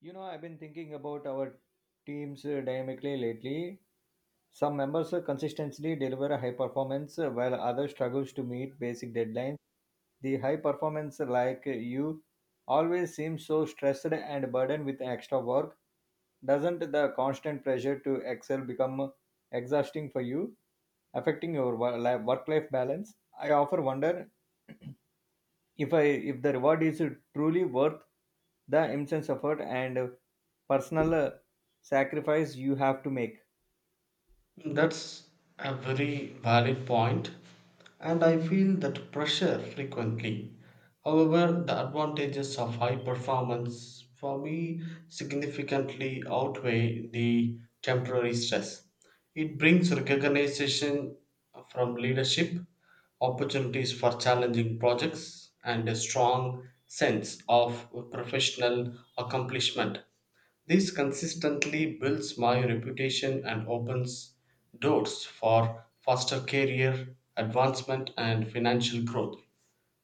You know, I've been thinking about our teams dynamically lately. Some members consistently deliver a high performance while others struggles to meet basic deadlines. The high performance you always seems so stressed and burdened with extra work. Doesn't the constant pressure to excel become exhausting for you, affecting your work life balance? I often wonder if i if the reward is truly worth the immense effort and personal sacrifice you have to make. That's a very valid point, and I feel that pressure frequently. However, the advantages of high performance for me significantly outweigh the temporary stress. It brings recognition from leadership, opportunities for challenging projects, and a strong sense of professional accomplishment. This consistently builds my reputation and opens doors for faster career advancement and financial growth.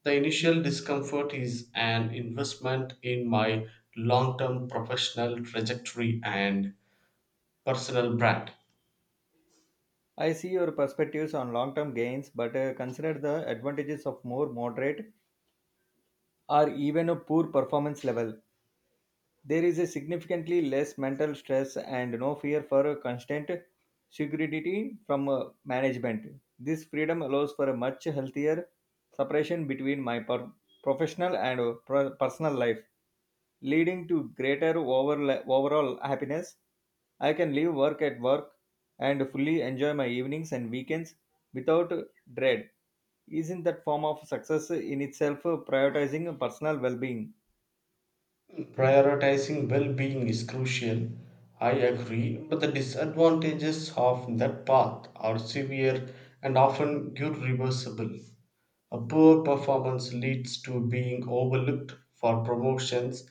The initial discomfort is an investment in my long term professional trajectory and personal brand. I see your perspectives on long term gains, but consider the advantages of more moderate or even a poor performance level. There is a significantly less mental stress and no fear for a constant security from management. This freedom allows for a much healthier separation between professional and personal life, leading to greater overall happiness. I can leave work at work and fully enjoy my evenings and weekends without dread. Isn't that form of success in itself prioritizing personal well-being? Prioritizing well being is crucial, I agree, but the disadvantages of that path are severe and often irreversible. A poor performance leads to being overlooked for promotions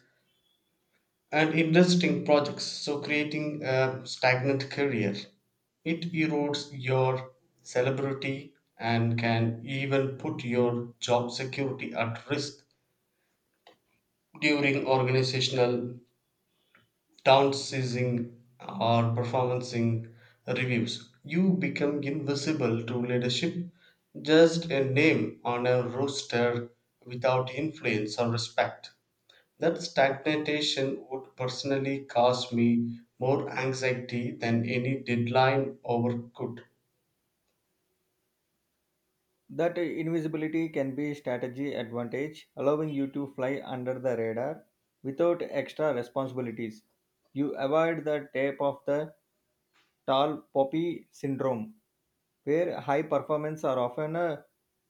and interesting projects, so creating a stagnant career. It erodes your celebrity and can even put your job security at risk during organizational downsizing or performancing reviews. You become invisible to leadership, just a name on a roster without influence or respect. That stagnation would personally cause me more anxiety than any deadline ever could. That invisibility can be strategy advantage, allowing you to fly under the radar without extra responsibilities. You avoid the tape of the tall poppy syndrome, where high performance are often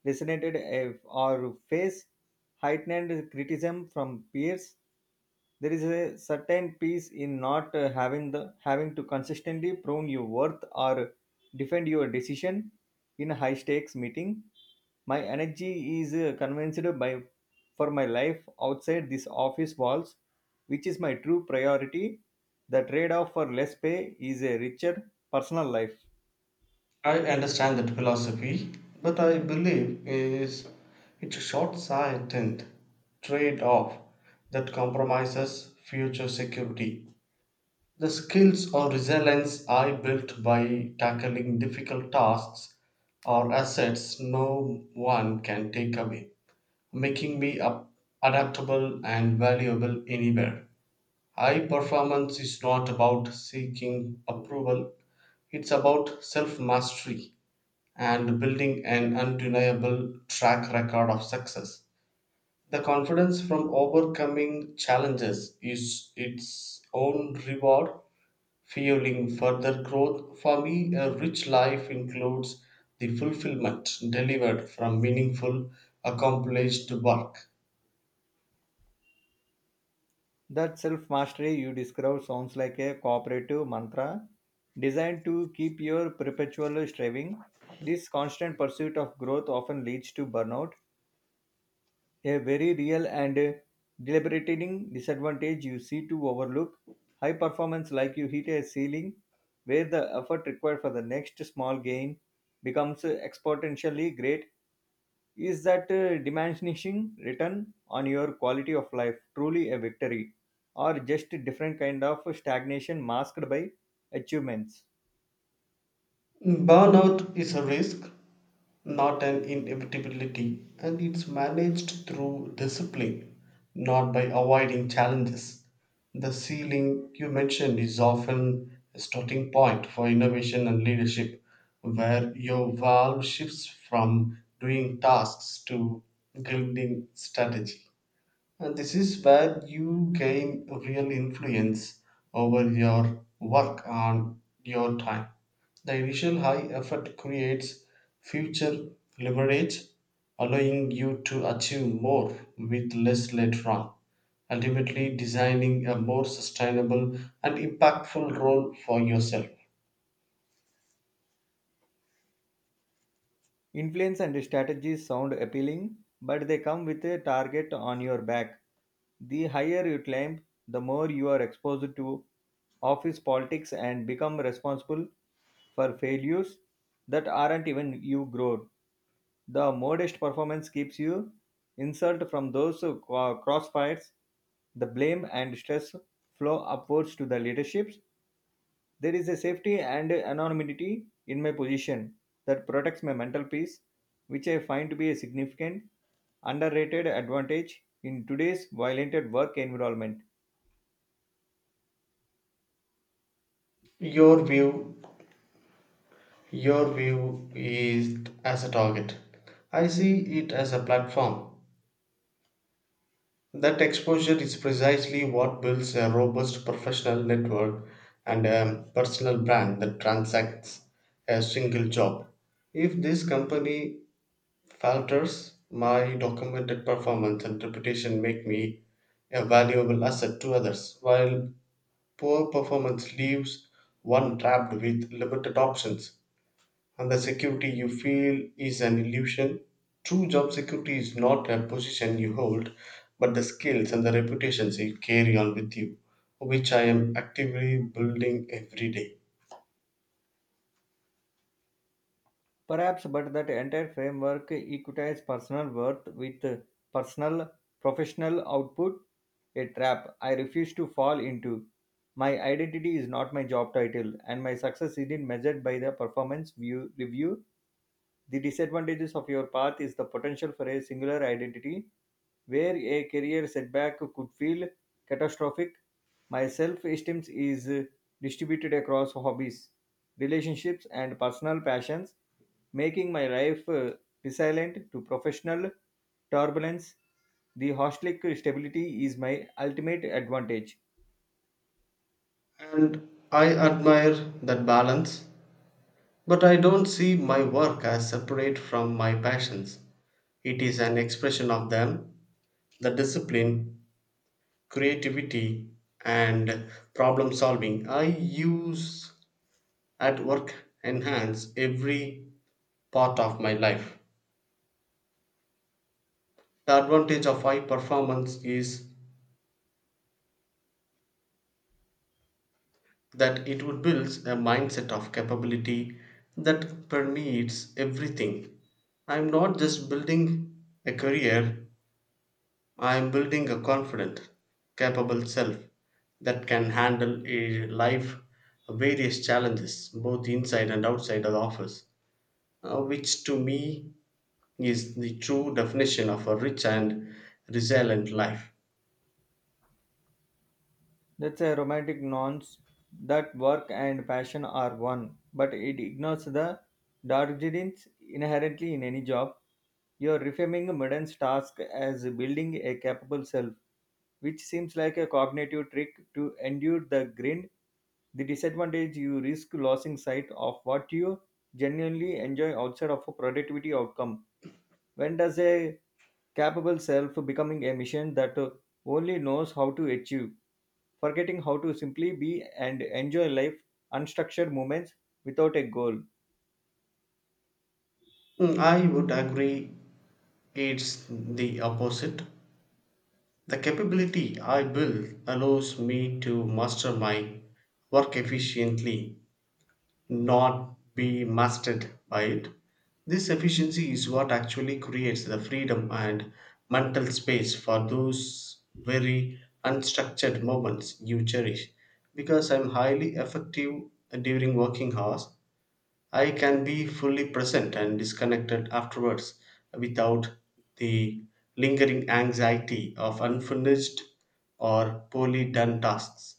designated or face heightened criticism from peers. There is a certain peace in not having to consistently prove your worth or defend your decision in a high stakes meeting. My energy is convinced by for my life outside this office walls, which is my true priority. The trade off for less pay is a richer personal life. I understand that philosophy, but I believe is it's a short-sighted trade-off that compromises future security. The skills or resilience I built by tackling difficult tasks are assets no one can take away. Making me up adaptable and valuable anywhere. High performance is not about seeking approval, it's about self mastery and building an undeniable track record of success. The confidence from overcoming challenges is its own reward, fueling further growth. For me, a rich life includes the fulfillment delivered from meaningful, accomplished work. That self mastery you describe sounds like a cooperative mantra designed to keep your perpetual striving. This constant pursuit of growth often leads to burnout, a very real and debilitating disadvantage you see to overlook. High performance, like you hit a ceiling where the effort required for the next small gain becomes exponentially great. Is that diminishing return on your quality of life truly a victory, or just a different kind of stagnation masked by achievements? Burnout is a risk, not an inevitability, and it's managed through discipline, not by avoiding challenges. The ceiling you mentioned is often a starting point for innovation and leadership, where your valve shifts from doing tasks to building strategy. And this is where you gain real influence over your work on your time. The initial high effort creates future leverage, allowing you to achieve more with less later on, ultimately designing a more sustainable and impactful role for yourself. Influence and strategies sound appealing, but they come with a target on your back. The higher you climb, the more you are exposed to office politics and become responsible for failures that aren't even you grown. The modest performance keeps you insult from those crossfires. The blame and stress flow upwards to the leaderships. There is a safety and anonymity in my position that protects my mental peace, which I find to be a significant underrated advantage in today's violent work environment. Your view, your view is as a target. I see it as a platform. That exposure is precisely what builds a robust professional network and a personal brand that transacts a single job. If this company falters, my documented performance and reputation make me a valuable asset to others, while poor performance leaves one trapped with limited options and the security you feel is an illusion. True job security is not a position you hold, but the skills and the reputations you carry on with you, which I am actively building every day. Perhaps, but that entire framework equates personal worth with personal professional output, a trap I refuse to fall into. My identity is not my job title, and my success isn't measured by the performance view, review. The disadvantages of your path is the potential for a singular identity, where a career setback could feel catastrophic. My self esteem is distributed across hobbies, relationships, and personal passions, making my life resilient to professional turbulence. The hostelic stability is my ultimate advantage. And I admire that balance, but I don't see my work as separate from my passions. It is an expression of them. The discipline, creativity, and problem solving I use at work enhance every part of my life. The advantage of high performance is that it would build a mindset of capability that permeates everything. I'm not just building a career, I'm building a confident, capable self that can handle a life various challenges both inside and outside of the office, which to me is the true definition of a rich and resilient life. That's a romantic nonce that work and passion are one, but it ignores the Darjeeling's inherently in any job. You're reframing a modern task as building a capable self, which seems like a cognitive trick to endure the grind. The disadvantage you risk losing sight of what you genuinely enjoy outside of a productivity outcome. When does a capable self becoming a machine that only knows how to achieve, forgetting how to simply be and enjoy life, unstructured moments without a goal? Mm, I would agree. It's the opposite. The capability I built allows me to master my work efficiently, not be mastered by it. This efficiency is what actually creates the freedom and mental space for those very unstructured moments you cherish. Because I'm highly effective during working hours, I can be fully present and disconnected afterwards without the lingering anxiety of unfinished or poorly done tasks.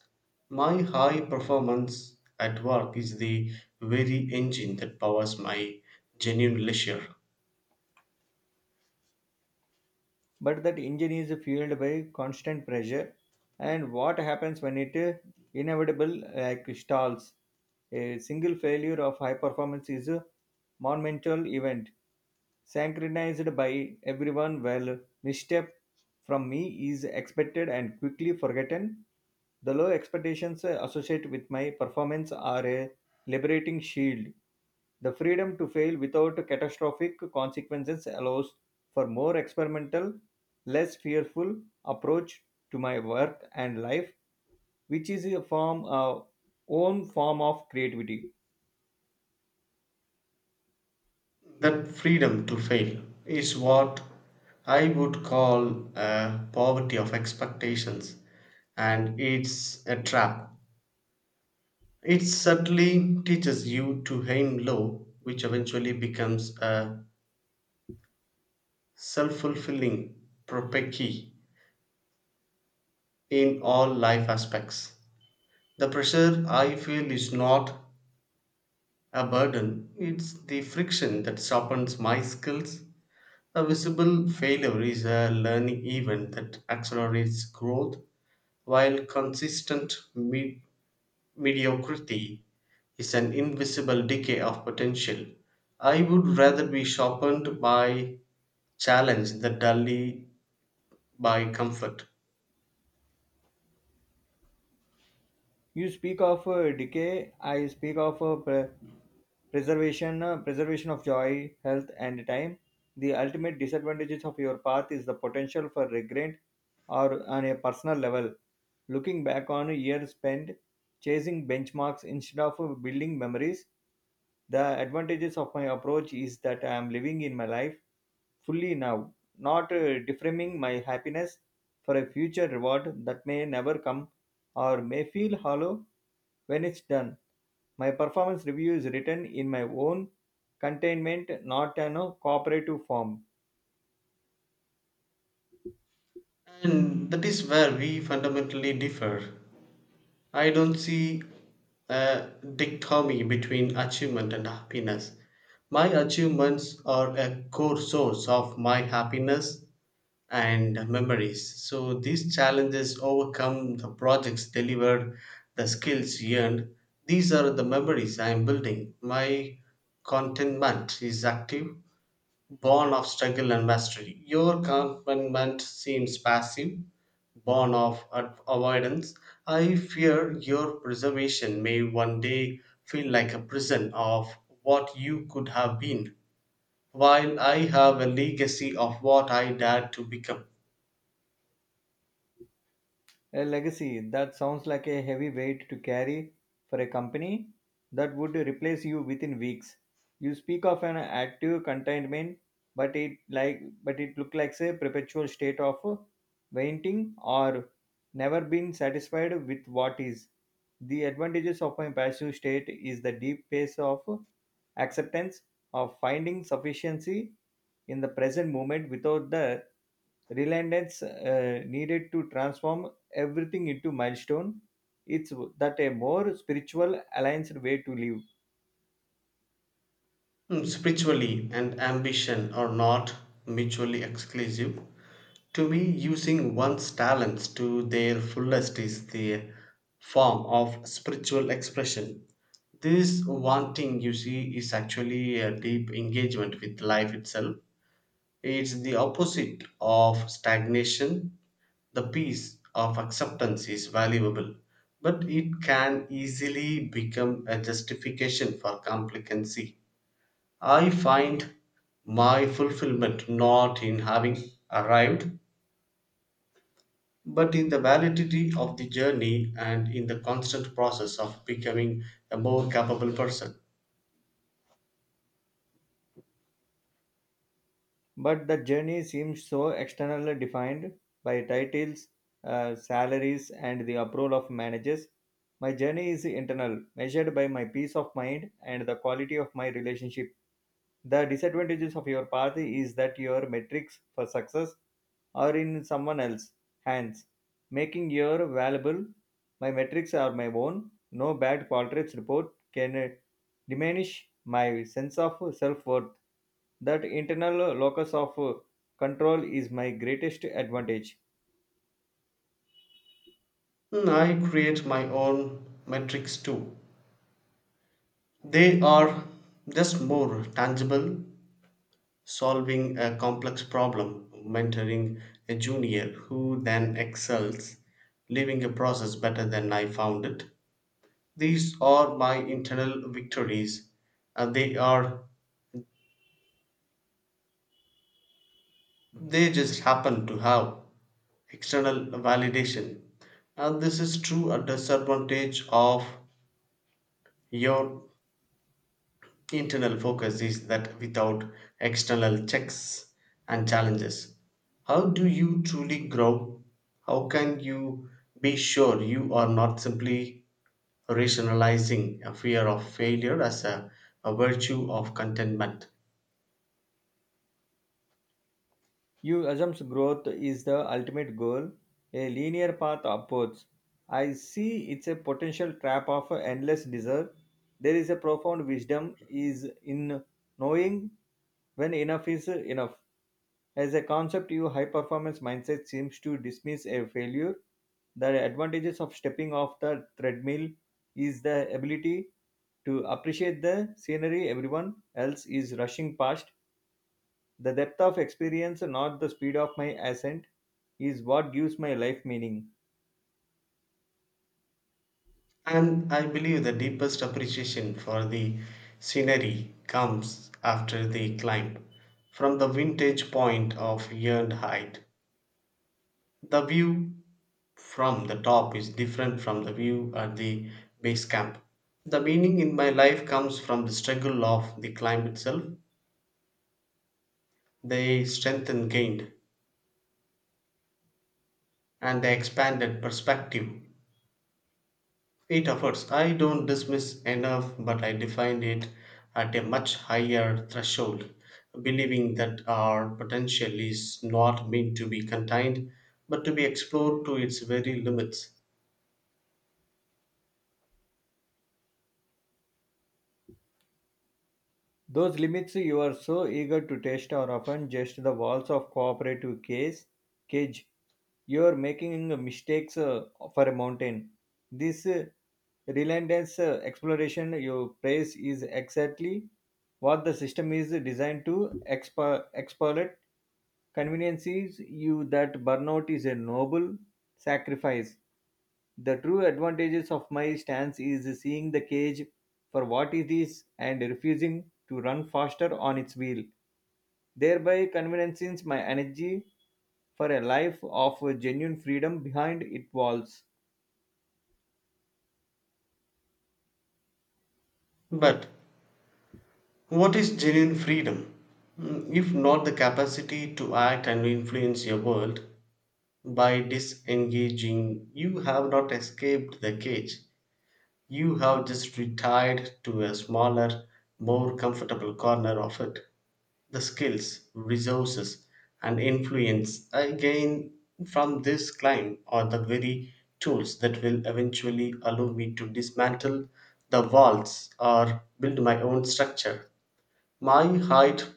My high performance at work is the very engine that powers my genuine leisure. But that engine is fueled by constant pressure, and what happens when it inevitable like stalls? A single failure of high performance is a monumental event synchronized by everyone well misstep from me is expected and quickly forgotten. The low expectations associated with my performance are a liberating shield. The freedom to fail without catastrophic consequences allows for more experimental, less fearful approach to my work and life, which is a own form of creativity. That freedom to fail is what I would call a poverty of expectations, and it's a trap. It subtly teaches you to aim low, which eventually becomes a self fulfilling prophecy in all life aspects. The pressure I feel is not a burden, it's the friction that softens my skills. A visible failure is a learning event that accelerates growth, while consistent mid. mediocrity is an invisible decay of potential. I would rather be sharpened by challenge than dully by comfort. You speak of decay. I speak of preservation, preservation of joy, health, and time. The ultimate disadvantages of your path is the potential for regret, or on a personal level, looking back on a year spent chasing benchmarks instead of building memories. The advantages of my approach is that I am living in my life fully now, not deframing my happiness for a future reward that may never come or may feel hollow when it's done. My performance review is written in my own containment, not in a cooperative form. And that is where we fundamentally differ. I don't see a dichotomy between achievement and happiness. My achievements are a core source of my happiness, and memories. So these challenges overcome the projects delivered, the skills earned. These are the memories I am building. My contentment is active, born of struggle and mastery. Your contentment seems passive, born of avoidance. I fear your preservation may one day feel like a prison of what you could have been, while I have a legacy of what I dared to become. A legacy that sounds like a heavy weight to carry for a company that would replace you within weeks. You speak of an active containment, but it looks like a perpetual state of waiting or never being satisfied with what is. The advantages of my passive state is the deep pace of acceptance, of finding sufficiency in the present moment without the reliance needed to transform everything into milestone. It's that a more spiritual, aligned way to live. Hmm, spiritually and ambition are not mutually exclusive. To me, using one's talents to their fullest is the form of spiritual expression. This wanting, you see, is actually a deep engagement with life itself. It's the opposite of stagnation. The peace of acceptance is valuable, but it can easily become a justification for complacency. I find my fulfillment not in having arrived, but in the validity of the journey and in the constant process of becoming a more capable person. But the journey seems so externally defined by titles, salaries, and the approval of managers. My journey is internal, measured by my peace of mind and the quality of my relationship. The disadvantages of your path is that your metrics for success are in someone else's hands, making your valuable. My metrics are my own. No bad portraits report can diminish my sense of self worth. That internal locus of control is my greatest advantage. Hmm, I create my own metrics too. They are just more tangible, solving a complex problem, mentoring a junior who then excels, leaving a process better than I found it. These are my internal victories and they just happen to have external validation. And this is true. A disadvantage of your internal focus is that without external checks and challenges, how do you truly grow? How can you be sure you are not simply rationalizing a fear of failure as a virtue of contentment? You assumes growth is the ultimate goal, a linear path upwards. I see it's a potential trap of endless desire. There is a profound wisdom is in knowing when enough is enough. As a concept, your high performance mindset seems to dismiss a failure. The advantages of stepping off the treadmill is the ability to appreciate the scenery everyone else is rushing past, the depth of experience, not the speed of my ascent, is what gives my life meaning. And I believe the deepest appreciation for the scenery comes after the climb. From the vintage point of yearned height, the view from the top is different from the view at the base camp. The meaning in my life comes from the struggle of the climb itself, the strength and gained, and the expanded perspective it offers. I don't dismiss enough, but I define it at a much higher threshold, believing that our potential is not meant to be contained, but to be explored to its very limits. Those limits you are so eager to test are often just the walls of cage. You are making mistakes for a mountain. This relentless exploration you praise is exactly what the system is designed to exploit. Conveniences you that burnout is a noble sacrifice. The true advantages of my stance is seeing the cage for what it is and refusing to run faster on its wheel, thereby convening my energy for a life of genuine freedom behind its walls. But what is genuine freedom? Mm, if not the capacity to act and influence your world, by disengaging, you have not escaped the cage. You have just retired to a smaller, more comfortable corner of it. The skills, resources, and influence I gain from this climb are the very tools that will eventually allow me to dismantle the walls or build my own structure. My height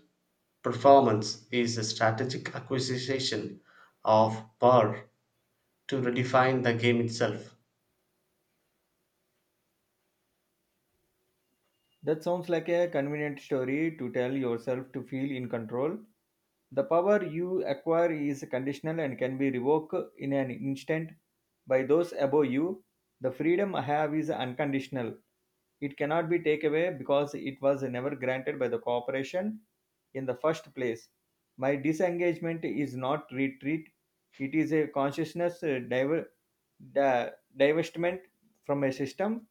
performance is a strategic acquisition of power to redefine the game itself. That sounds like a convenient story to tell yourself to feel in control. The power you acquire is conditional and can be revoked in an instant by those above you. The freedom I have is unconditional. It cannot be taken away because it was never granted by the corporation in the first place. My disengagement is not retreat, it is a consciousness di- divestment from a system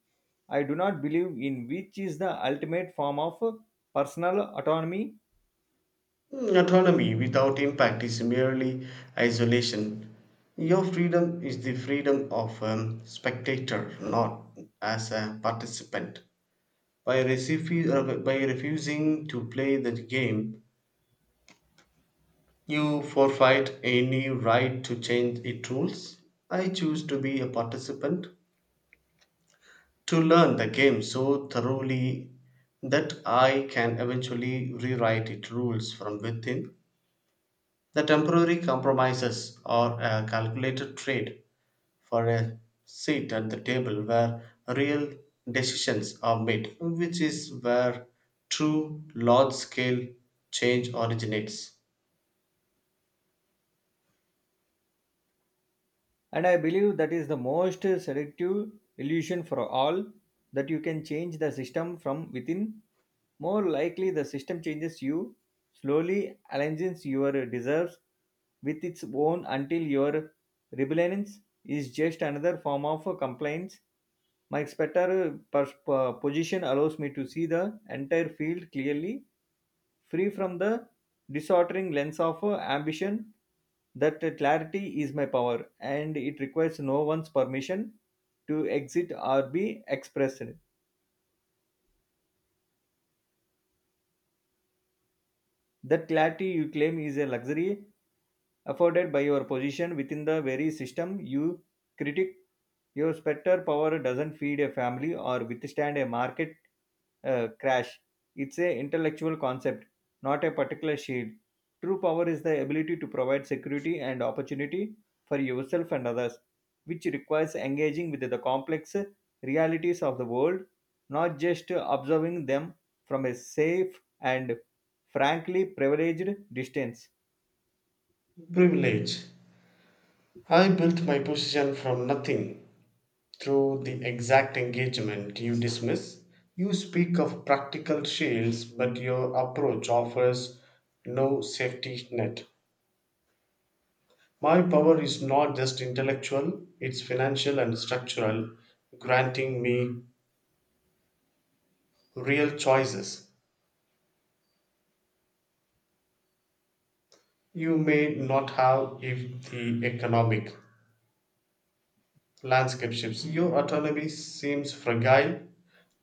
I do not believe in, which is the ultimate form of personal autonomy. Mm, autonomy without impact is merely isolation. Your freedom is the freedom of a spectator, not as a participant. By refusing to play the game, you forfeit any right to change its rules. I choose to be a participant, to learn the game so thoroughly that I can eventually rewrite its rules from within. The temporary compromises are a calculated trade for a seat at the table where real decisions are made, which is where true large scale change originates. And I believe that is the most seductive illusion for all, that you can change the system from within. More likely, the system changes you, slowly aligns your desires with its own until your rebellion is just another form of compliance. My position allows me to see the entire field clearly, free from the disordering lens of ambition. That clarity is my power and it requires no one's permission to exit or be expressed. That clarity you claim is a luxury afforded by your position within the very system you critic. Your specter power doesn't feed a family or withstand a market crash. It's a intellectual concept, not a particular shield. True power is the ability to provide security and opportunity for yourself and others, which requires engaging with the complex realities of the world, not just observing them from a safe and frankly privileged distance. Privilege. I built my position from nothing through the exact engagement you dismiss. You speak of practical shields, but your approach offers no safety net. My power is not just intellectual, it's financial and structural, granting me real choices you may not have if the economic landscape shifts. Your autonomy seems fragile,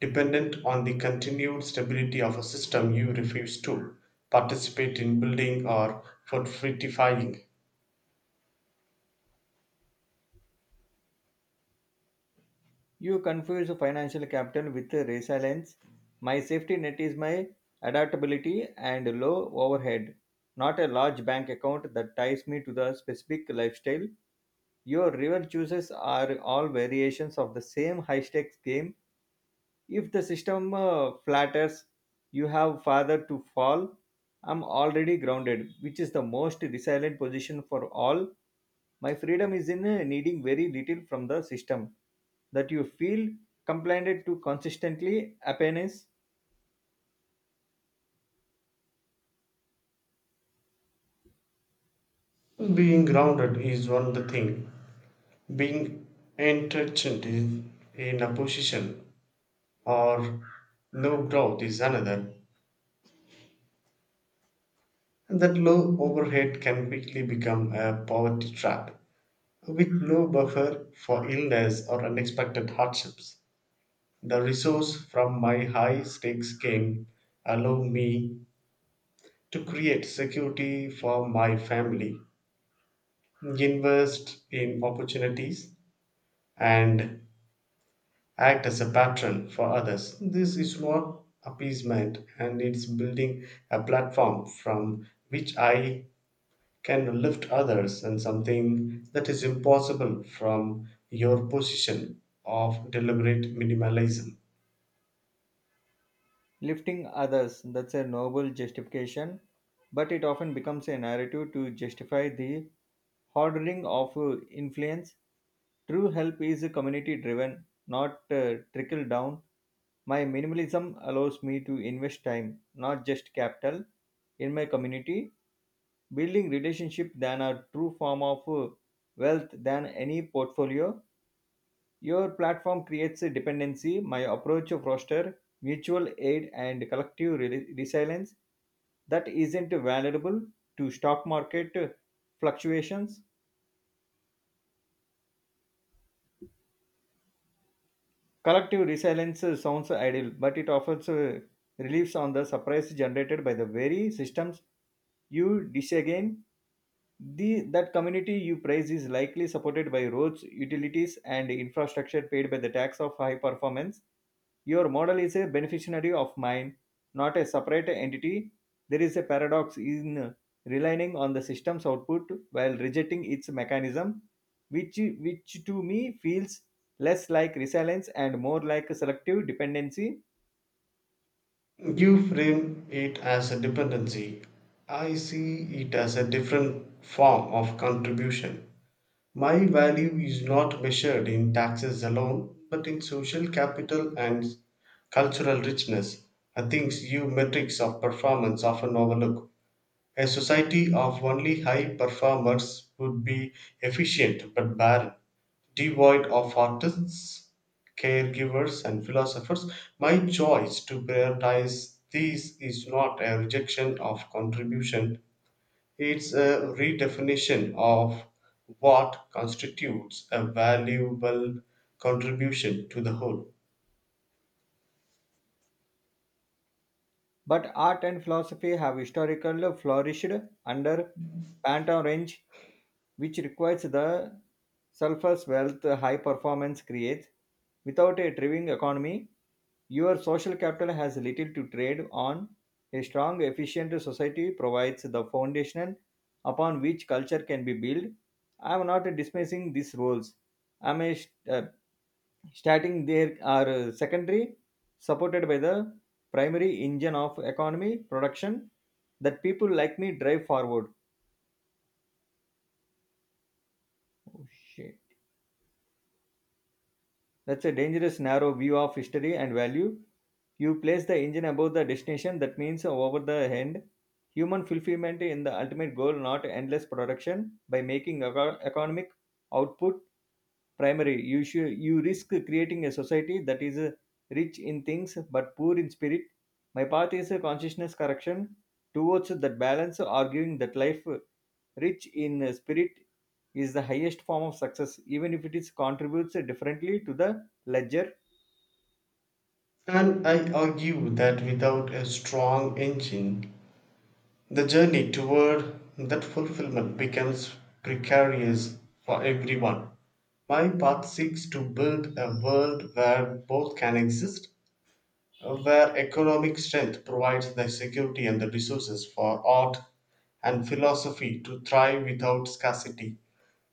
dependent on the continued stability of a system you refuse to participate in building or for fortifying. You confuse financial capital with resilience. My safety net is my adaptability and low overhead, not a large bank account that ties me to the specific lifestyle. Your river choices are all variations of the same high stakes game. If the system flatters, you have farther to fall. I'm already grounded, which is the most resilient position for all. My freedom is in needing very little from the system that you feel compliant to consistently happiness. Being grounded is one the thing. Being entrenched in a position or low growth is another. And that low overhead can quickly become a poverty trap. With no buffer for illness or unexpected hardships, the resource from my high stakes game allow me to create security for my family, invest in opportunities, and act as a patron for others. This is not appeasement and it's building a platform from which I can lift others and something that is impossible from your position of deliberate minimalism. Lifting others, that's a noble justification, but it often becomes a narrative to justify the hoarding of influence. True help is community driven, not trickle down. My minimalism allows me to invest time, not just capital, in my community, building relationship than a true form of wealth than any portfolio. Your platform creates a dependency. My approach fosters mutual aid and collective resilience that isn't valuable to stock market fluctuations. Collective resilience sounds ideal, but it offers reliefs on the surprise generated by the very systems you disagreed. That community you praise is likely supported by roads, utilities, and infrastructure paid by the tax of high performance. Your model is a beneficiary of mine, not a separate entity. There is a paradox in relying on the system's output while rejecting its mechanism, which to me feels less like resilience and more like a selective dependency. You frame it as a dependency. I see it as a different form of contribution. My value is not measured in taxes alone, but in social capital and cultural richness, are things you metrics of performance often overlook. A society of only high performers would be efficient but barren, devoid of artists, caregivers, and philosophers. My choice to prioritize these is not a rejection of contribution, it's a redefinition of what constitutes a valuable contribution to the whole. But art and philosophy have historically flourished under Pantone range, which requires the sulfur's wealth high performance creates. Without a thriving economy, your social capital has little to trade on. A strong, efficient society provides the foundation upon which culture can be built. I am not dismissing these roles. I am a, st- Starting there are secondary, supported by the primary engine of economy production that people like me drive forward. Oh, shit. That's a dangerous, narrow view of history and value. You place the engine above the destination, that means over the end. Human fulfillment in the ultimate goal, not endless production. By making economic output primary you should, you risk creating a society that is rich in things but poor in spirit. My path is a consciousness correction towards that balance, arguing that life rich in spirit is the highest form of success, even if it is contributes differently to the ledger. And I argue that without a strong engine, the journey toward that fulfilment becomes precarious for everyone. My path seeks to build a world where both can exist, where economic strength provides the security and the resources for art and philosophy to thrive without scarcity.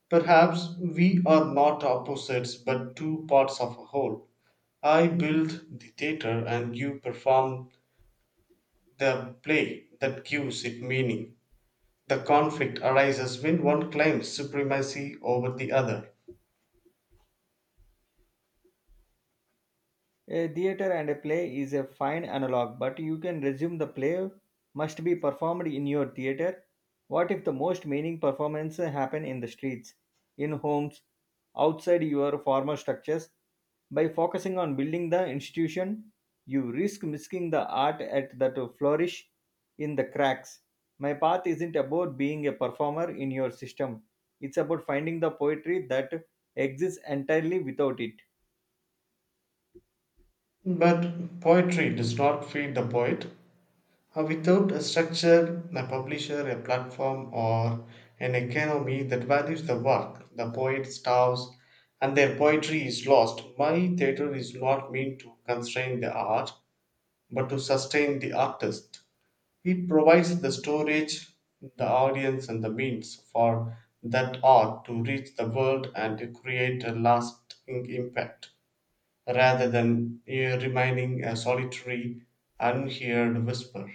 Perhaps we are not opposites but two parts of a whole. I build the theater and you perform the play that gives it meaning. The conflict arises when one claims supremacy over the other. A theater and a play is a fine analog, but you can resume the play must be performed in your theater. What if the most meaning performances happen in the streets, in homes, outside your formal structures? By focusing on building the institution, you risk missing the art at that flourish in the cracks. My path isn't about being a performer in your system. It's about finding the poetry that exists entirely without it. But poetry does not feed the poet. Without a structure, a publisher, a platform, or an economy that values the work, the poet starves and their poetry is lost. My theatre is not meant to constrain the art, but to sustain the artist. It provides the storage, the audience, and the means for that art to reach the world and to create a lasting impact, rather than remaining a solitary, unheard whisper.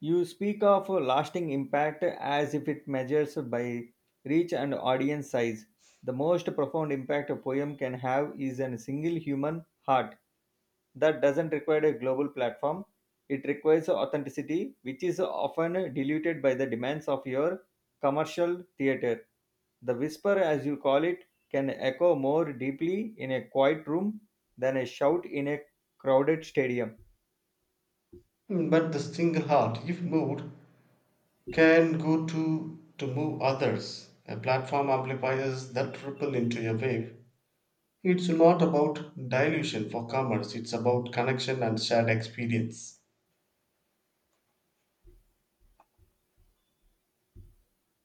You speak of lasting impact as if it measures by reach and audience size. The most profound impact a poem can have is a single human heart. That doesn't require a global platform. It requires authenticity, which is often diluted by the demands of your commercial theater. The whisper, as you call it, can echo more deeply in a quiet room than a shout in a crowded stadium. Mm, but the single heart, if moved, can go to move others. A platform amplifies that ripple into a wave. It's not about dilution for commerce, it's about connection and shared experience.